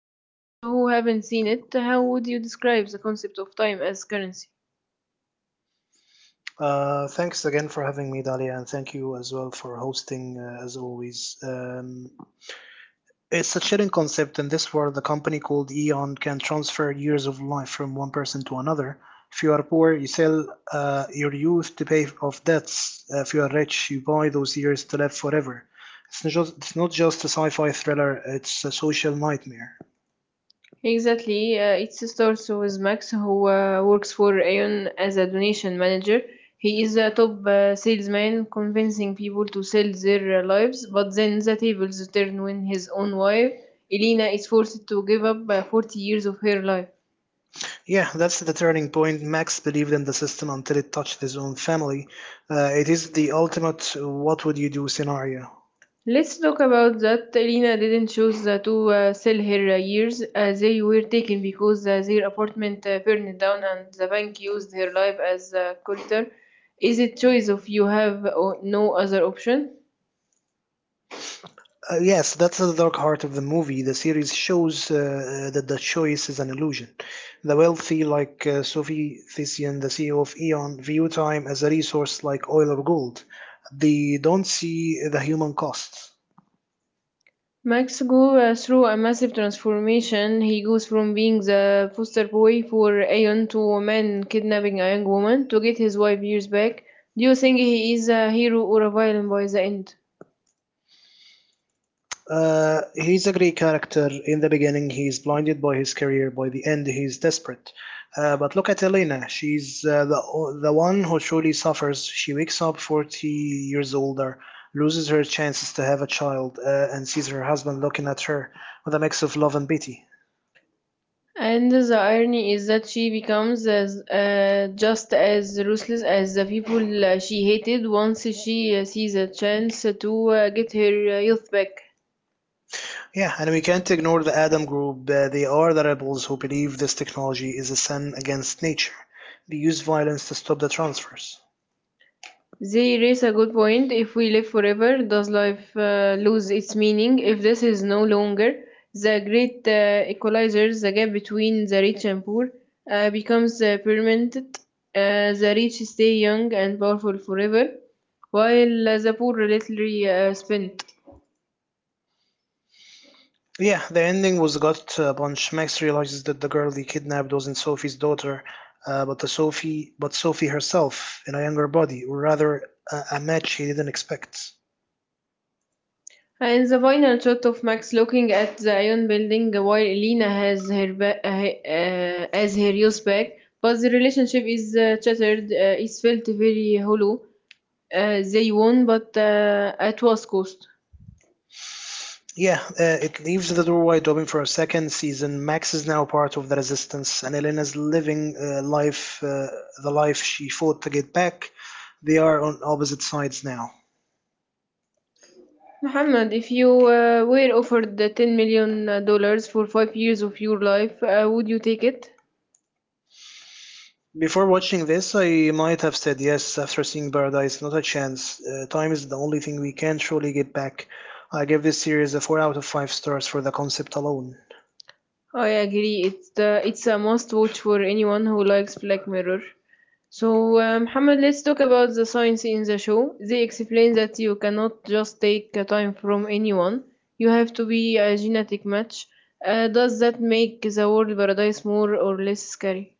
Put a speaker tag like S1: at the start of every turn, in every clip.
S1: For those who haven't seen it, how would you describe the concept of time as currency?
S2: Thanks again for having me, Dalia, and thank you as well for hosting, as always. It's a chilling concept in this world. A company called Eon can transfer years of life from one person to another. If you are poor, you sell your youth to pay off debts. If you are rich, you buy those years to live forever. It's not just a sci fi thriller, it's a social nightmare.
S1: Exactly. It starts with Max, who works for Aeon as a donation manager. He is a top salesman, convincing people to sell their lives, but then the tables turn when his own wife, Elena, is forced to give up 40 years of her life.
S2: Yeah, that's the turning point. Max believed in the system until it touched his own family. It is the ultimate what would you do scenario.
S1: Let's talk about that. Elena didn't choose to sell her years. They were taken because their apartment burned down and the bank used her life as a collateral. Is it choice if you have no other option?
S2: Yes, that's the dark heart of the movie. The series shows that the choice is an illusion. The wealthy, like Sophie Thesian, the CEO of Eon, view time as a resource like oil or gold. They don't see the human costs.
S1: Max goes through a massive transformation. He goes from being the foster boy for Aeon to a man kidnapping a young woman to get his wife years back. Do you think he is a hero or a villain by the end?
S2: He's a great character. In the beginning, he's blinded by his career. By the end, he's desperate. But look at Elena. She's the one who truly suffers. She wakes up 40 years older, loses her chances to have a child, and sees her husband looking at her with a mix of love and pity.
S1: And the irony is that she becomes as just as ruthless as the people she hated once she sees a chance to get her youth back.
S2: Yeah, and we can't ignore the Adam group. They are the rebels who believe this technology is a sin against nature. They use violence to stop the transfers.
S1: They raise a good point. If we live forever, does life lose its meaning? If this is no longer the great equalizer, the gap between the rich and poor becomes permanent. The rich stay young and powerful forever, while the poor literally spend.
S2: Yeah, the ending was gut punch. Max realizes that the girl he kidnapped wasn't Sophie's daughter, but Sophie herself in a younger body, or rather, a match he didn't expect.
S1: In the final shot of Max looking at the Ion building while Elena has her as her youth back, but the relationship is shattered. It felt very hollow. They won, but at what cost?
S2: Yeah, it leaves the door wide open for a second season. Max is now part of the resistance, and Elena's living the life she fought to get back. They are on opposite sides now.
S1: Muhammad, if you were offered the 10 million dollars for 5 years of your life, would you take it?
S2: Before watching this, I might have said yes. After seeing Paradise, not a chance. Time is the only thing we can truly get back. I give this series a 4 out of 5 stars for the concept alone.
S1: I agree. It's a must watch for anyone who likes Black Mirror. So, Muhammad, let's talk about the science in the show. They explain that you cannot just take time from anyone. You have to be a genetic match. Does that make the world paradise more or less scary?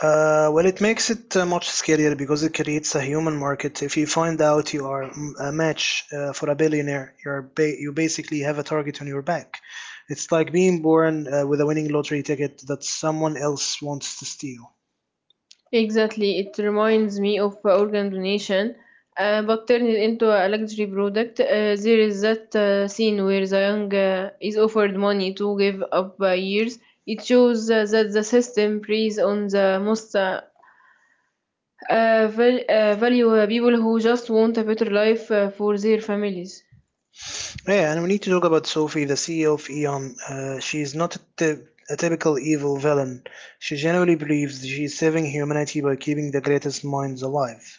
S2: It makes it much scarier because it creates a human market. If you find out you are a match for a billionaire, you basically have a target on your back. It's like being born with a winning lottery ticket that someone else wants to steal.
S1: Exactly, it reminds me of organ donation, but turn it into a luxury product. There is that scene where the young is offered money to give up years. It shows that the system preys on the most valuable people who just want a better life for their families.
S2: Yeah, and we need to talk about Sophie, the CEO of Eon. She is not a typical evil villain. She genuinely believes she is saving humanity by keeping the greatest minds alive.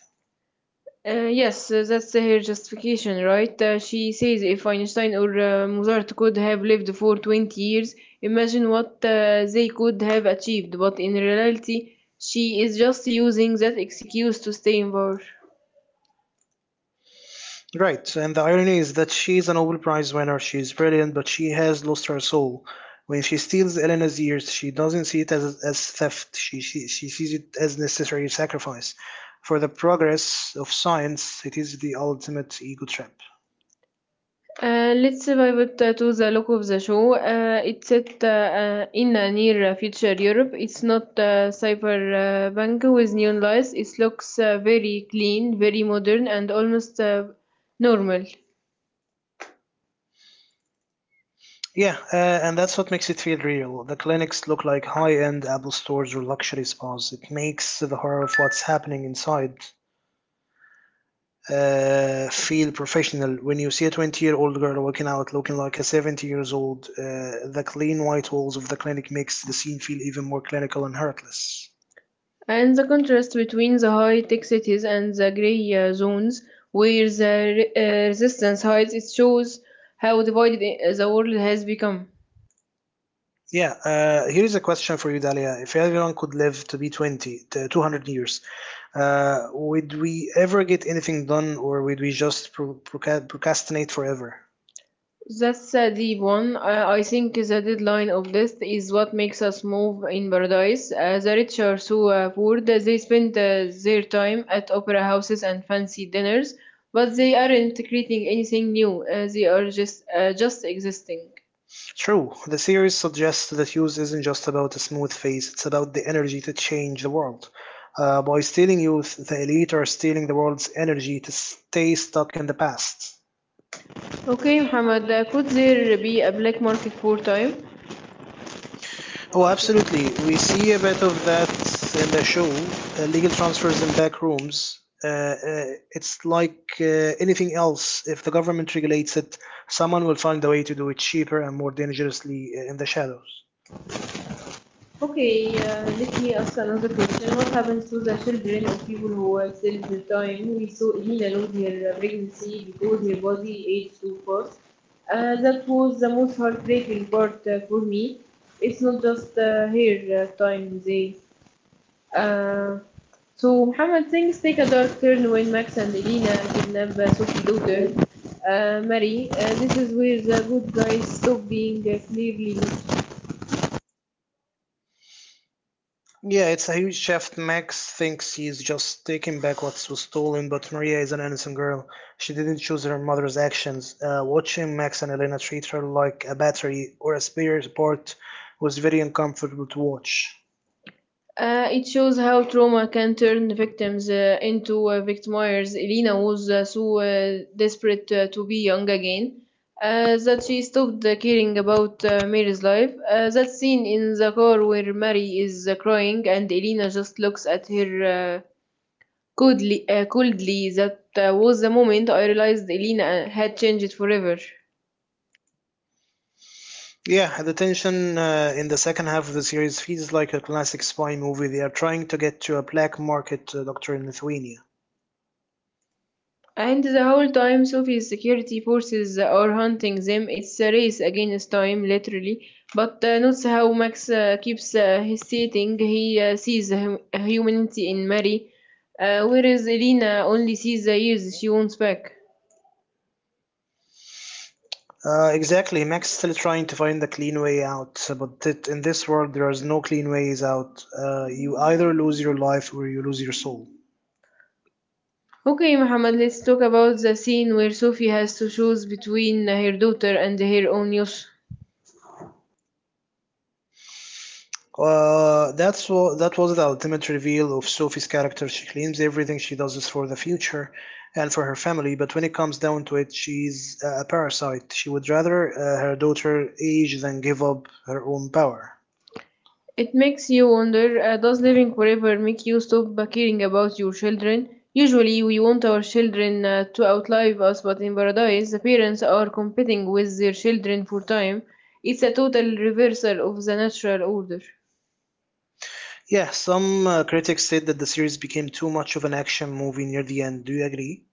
S1: Yes, that's her justification, right? She says if Einstein or Mozart could have lived for 20 years, imagine what they could have achieved. But in reality, she is just using that excuse to stay involved.
S2: Right, and the irony is that she is a Nobel Prize winner. She is brilliant, but she has lost her soul. When she steals Elena's ears, she doesn't see it as theft. She sees it as necessary sacrifice. For the progress of science, it is the ultimate ego trip.
S1: Let's pivot to the look of the show. It's set in a near future Europe. It's not cyberpunk with neon lights. It looks very clean, very modern, and almost normal.
S2: Yeah, and that's what makes it feel real. The clinics look like high end Apple stores or luxury spas. It makes the horror of what's happening inside feel professional. When you see a 20-year-old girl walking out looking like a 70 years old, the clean white walls of the clinic makes the scene feel even more clinical and heartless.
S1: And the contrast between the high-tech cities and the grey zones where the resistance hides, it shows how divided the world has become.
S2: Yeah, here is a question for you, Dalia. If everyone could live to be 20, to 200 years, would we ever get anything done, or would we just procrastinate forever?
S1: That's a deep one. I think the deadline of death is what makes us move in paradise. The rich are so poor that they spend their time at opera houses and fancy dinners, but they aren't creating anything new. They are just existing.
S2: True, the series suggests that youth isn't just about a smooth phase, it's about the energy to change the world. By stealing youth, the elite are stealing the world's energy to stay stuck in the past.
S1: Okay, Muhammad, could there be a black market for time?
S2: Oh, absolutely. We see a bit of that in the show. Legal transfers in back rooms. It's like anything else. If the government regulates it, someone will find a way to do it cheaper and more dangerously in the shadows.
S1: Okay, let me ask another question. What happens to the children of people who till the time we saw Elena lose her pregnancy because her body aged too fast? That was the most heartbreaking part for me. It's not just her time, they. Uh, so, Muhammad, things take a dark turn when Max and Elena kidnap Sophie's daughter, Mary. This is where the good guys stop being clearly not.
S2: Yeah, it's a huge shift. Max thinks he's just taking back what was stolen, but Maria is an innocent girl. She didn't choose her mother's actions. Watching Max and Elena treat her like a battery or a spare part was very uncomfortable to watch.
S1: It shows how trauma can turn victims into victimiers. Elena was so desperate to be young again that she stopped caring about Mary's life. That scene in the car where Mary is crying and Elena just looks at her coldly, that was the moment I realized Elena had changed forever.
S2: Yeah, the tension in the second half of the series feels like a classic spy movie. They are trying to get to a black market doctor in Lithuania.
S1: And the whole time Sophie's security forces are hunting them. It's a race against time, literally. But notice how Max keeps hesitating. He sees humanity in Mary, whereas Elena only sees the years she wants back.
S2: Exactly. Max is still trying to find the clean way out, in this world there is no clean ways out. You either lose your life or you lose your soul.
S1: Okay, Mohammed, let's talk about the scene where Sophie has to choose between her daughter and her own youth.
S2: That's what that was the ultimate reveal of Sophie's character. She claims everything she does is for the future and for her family, but when it comes down to it, she's a parasite. She would rather her daughter age than give up her own power.
S1: It makes you wonder, does living forever make you stop caring about your children? Usually, we want our children to outlive us, but in paradise, the parents are competing with their children for time. It's a total reversal of the natural order.
S2: Yeah, some critics said that the series became too much of an action movie near the end. Do you agree?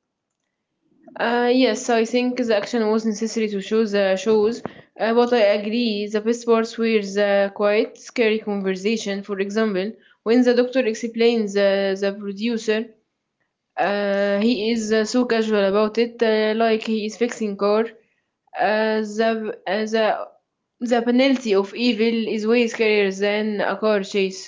S1: Yes, I think the action was necessary to show the shows, but I agree the best parts were the quite scary conversation. For example, when the doctor explains the producer. He is so casual about it, like he is fixing car. Uh, the, uh, the the penalty of evil is way scarier than a car chase.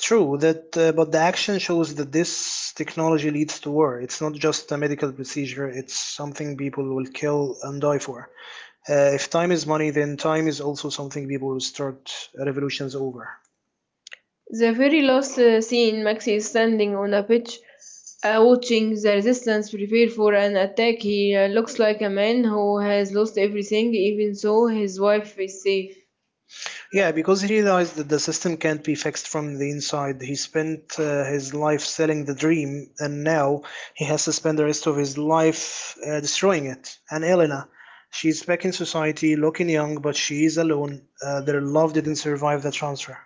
S2: True that, but the action shows that this technology leads to war. It's not just a medical procedure. It's something people will kill and die for. If time is money, then time is also something people will start revolutions over.
S1: The very last scene, Maxi is standing on a pitch, watching the resistance prepare for an attack. He looks like a man who has lost everything, even so his wife is safe.
S2: Yeah, because he realized that the system can't be fixed from the inside. He spent his life selling the dream, and now he has to spend the rest of his life destroying it. And Elena, she's back in society, looking young, but she is alone. Their love didn't survive the transfer.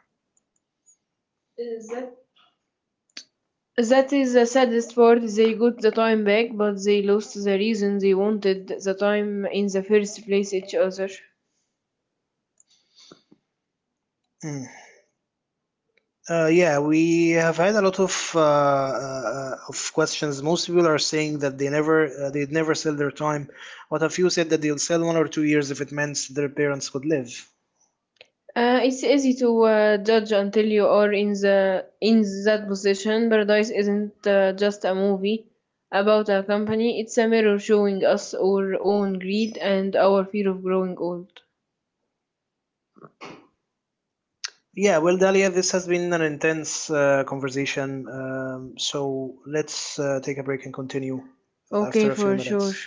S1: That is the saddest part, they got the time back, but they lost the reason they wanted the time in the first place, each other.
S2: Mm. Yeah, we have had a lot of questions. Most people are saying that they'd never sell their time, but a few said that they'll sell 1 or 2 years if it meant their parents could live.
S1: It's easy to judge until you are in that position. Paradise isn't just a movie about a company, it's a mirror showing us our own greed and our fear of growing old.
S2: Yeah, well, Dalia, this has been an intense conversation. So let's take a break and continue
S1: Okay,
S2: after a few
S1: for sure.
S2: minutes.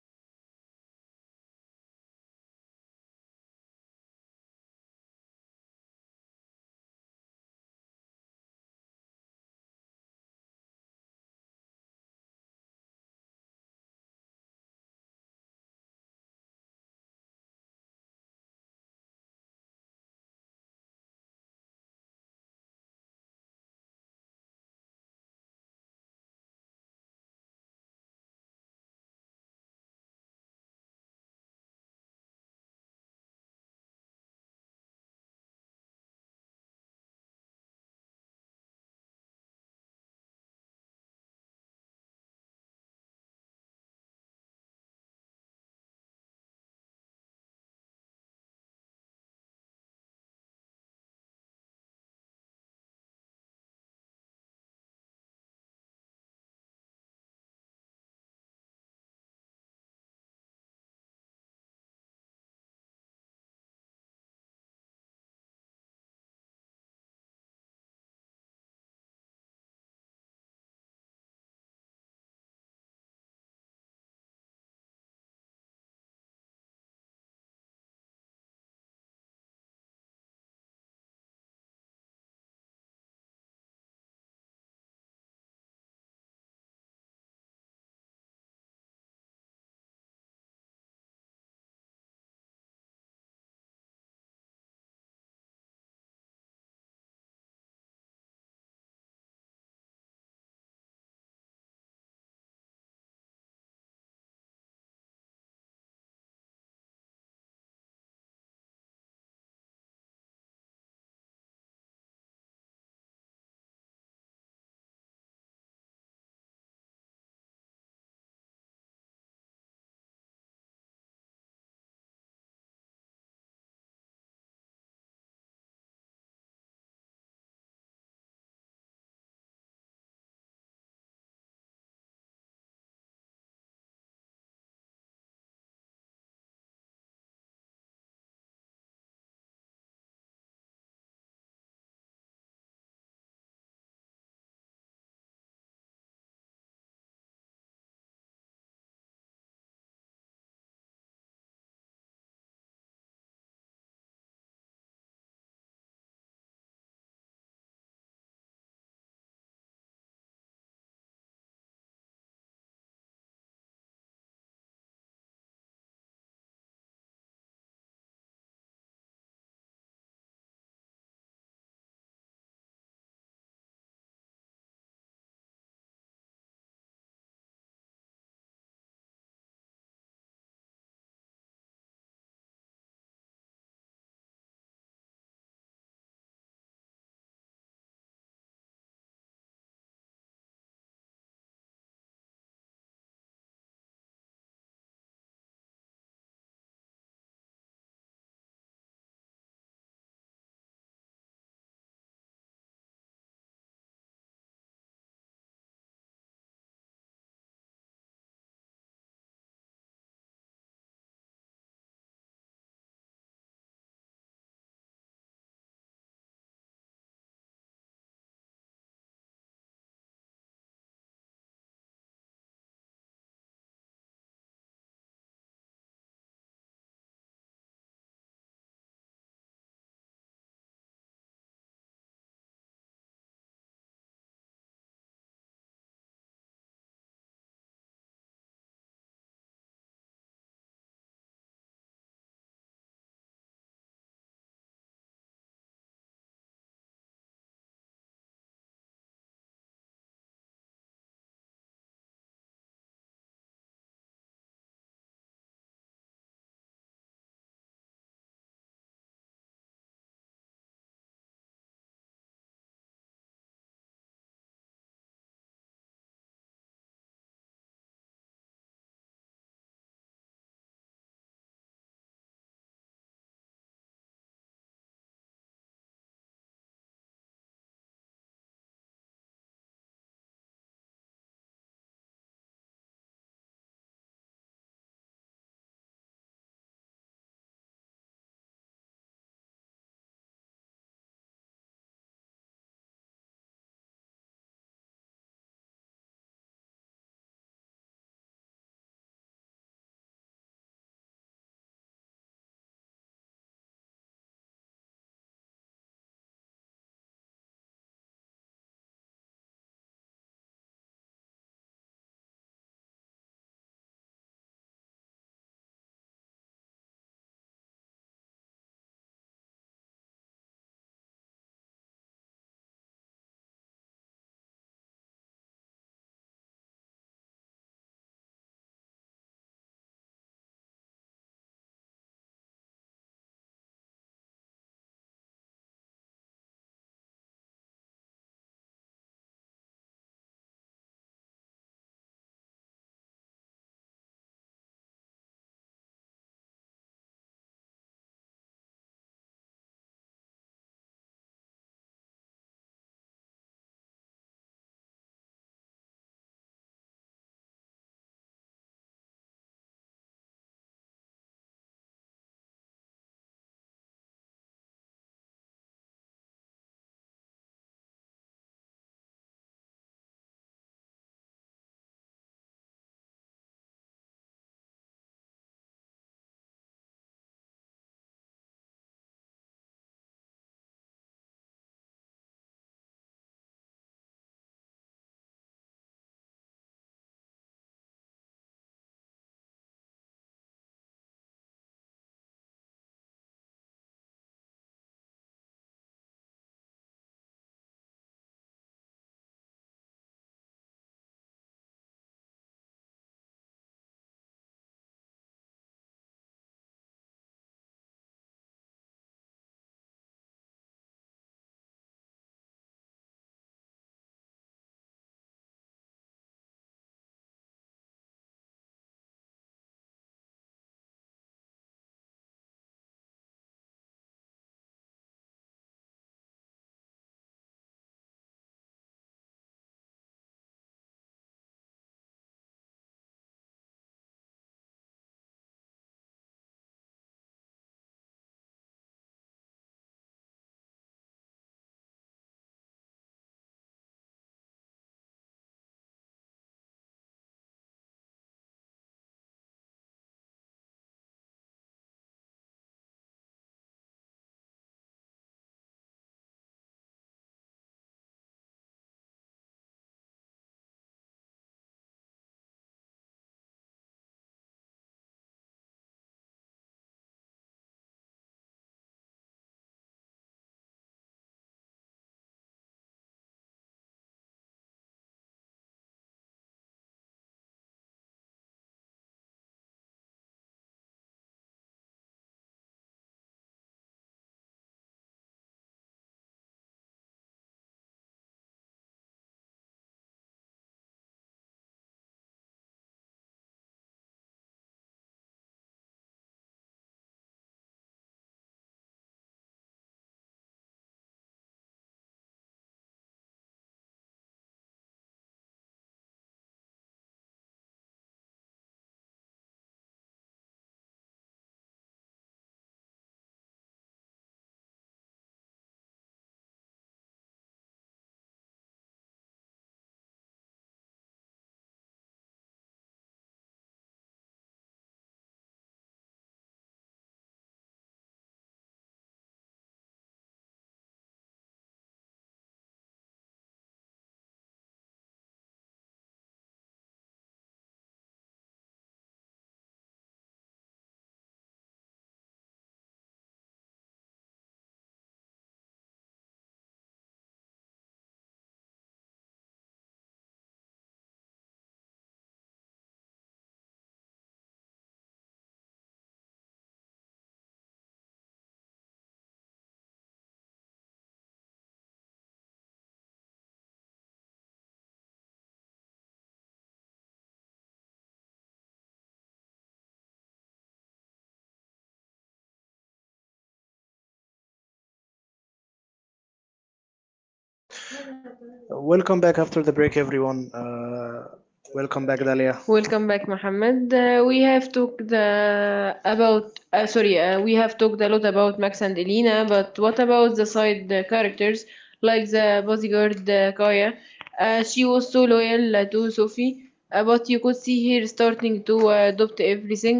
S2: Welcome back after the break, everyone. Welcome back, Dalia.
S1: Welcome back, Mohammed. We have talked about sorry, we have talked a lot about Max and Elena, but what about the side characters like the bodyguard Kaya? She was so loyal to Sophie, but you could see her starting to adopt everything.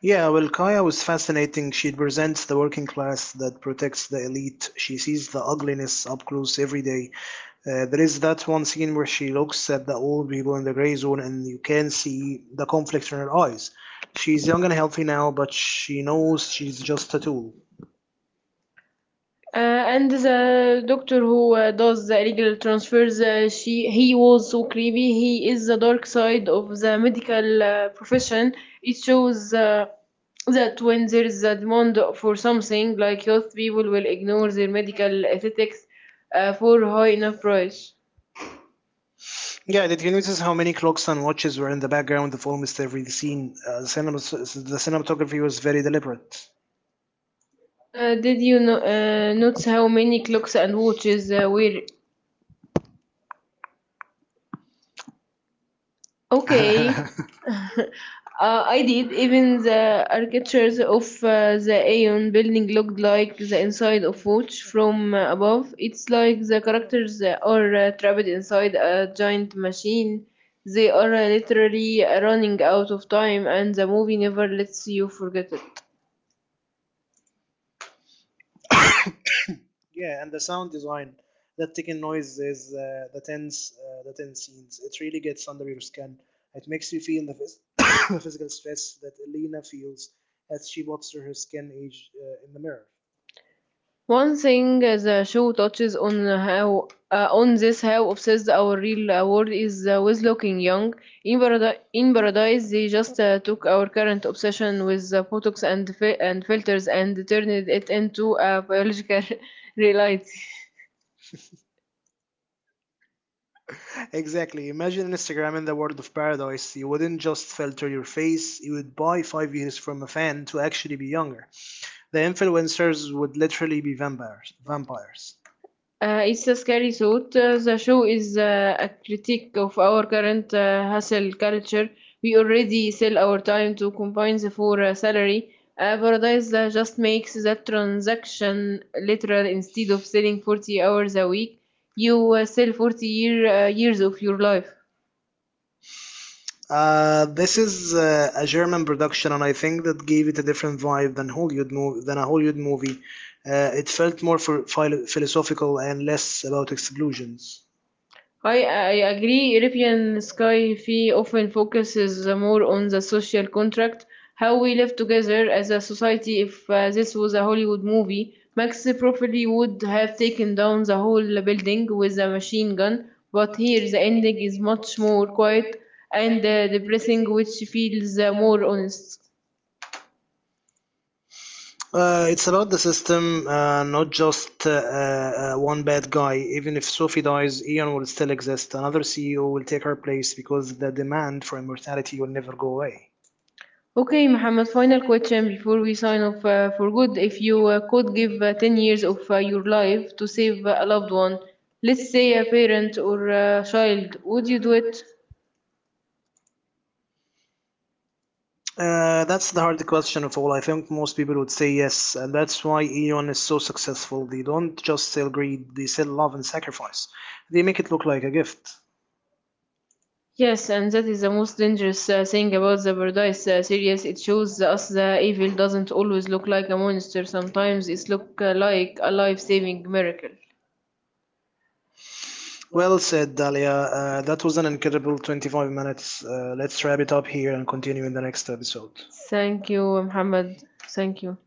S2: Yeah, well, Kaya was fascinating. She represents the working class that protects the elite. She sees the ugliness up close every day. There is that one scene where she looks at the old people in the gray zone, and you can see the conflict in her eyes. She's young and healthy now, but she knows she's just a tool.
S1: And the doctor who does the illegal transfers, she he was so creepy. He is the dark side of the medical profession. It shows that when there is a demand for something, like health, people will ignore their medical ethics for high enough price.
S2: Yeah, did you notice how many clocks and watches were in the background of almost every scene? The cinematography was very deliberate.
S1: Did you notice how many clocks and watches were. Okay, uh, I did. Even the architectures of the Aeon building looked like the inside of watch from above. It's like the characters are trapped inside a giant machine. They are literally running out of time, and the movie never lets you forget it.
S2: Yeah, and the sound design, that ticking noise the tense scenes. It really gets under your skin. It makes you feel the physical stress that Elena feels as she walks through her skin age in the mirror.
S1: One thing the show touches on, how on this how obsessed our real world is with looking young. In Paradise, they just took our current obsession with Botox and filters and turned it into a biological reality.
S2: Exactly. Imagine Instagram in the world of paradise. You wouldn't just filter your face, you would buy 5 years from a fan to actually be younger. The influencers would literally be vampires. Vampires.
S1: It's a scary thought. The show is a critique of our current hustle culture. We already sell our time to companies for a salary. Paradise just makes that transaction literal instead of selling 40 hours a week. You sell years of your life.
S2: This is a German production, and I think that gave it a different vibe than than a Hollywood movie. It felt more for philosophical and less about explosions.
S1: I agree. European Sky Fee often focuses more on the social contract, how we live together as a society. If this was a Hollywood movie, Max probably would have taken down the whole building with a machine gun, but here the ending is much more quiet and depressing, which feels more honest.
S2: It's about the system, not just one bad guy. Even if Sophie dies, Ian will still exist. Another CEO will take her place because the demand for immortality will never go away.
S1: Okay, Mohammed, final question before we sign off for good. If you could give 10 years of your life to save a loved one, let's say a parent or a child, would you do it?
S2: That's the hard question of all. I think most people would say yes, and that's why Eon is so successful. They don't just sell greed, they sell love and sacrifice. They make it look like a gift.
S1: Yes, and that is the most dangerous thing about the paradise series. It shows us the evil doesn't always look like a monster. Sometimes it looks like a life-saving miracle.
S2: Well said, Dalia. That was an incredible 25 minutes. Let's wrap it up here and continue in the next episode.
S1: Thank you, Mohammed. Thank you.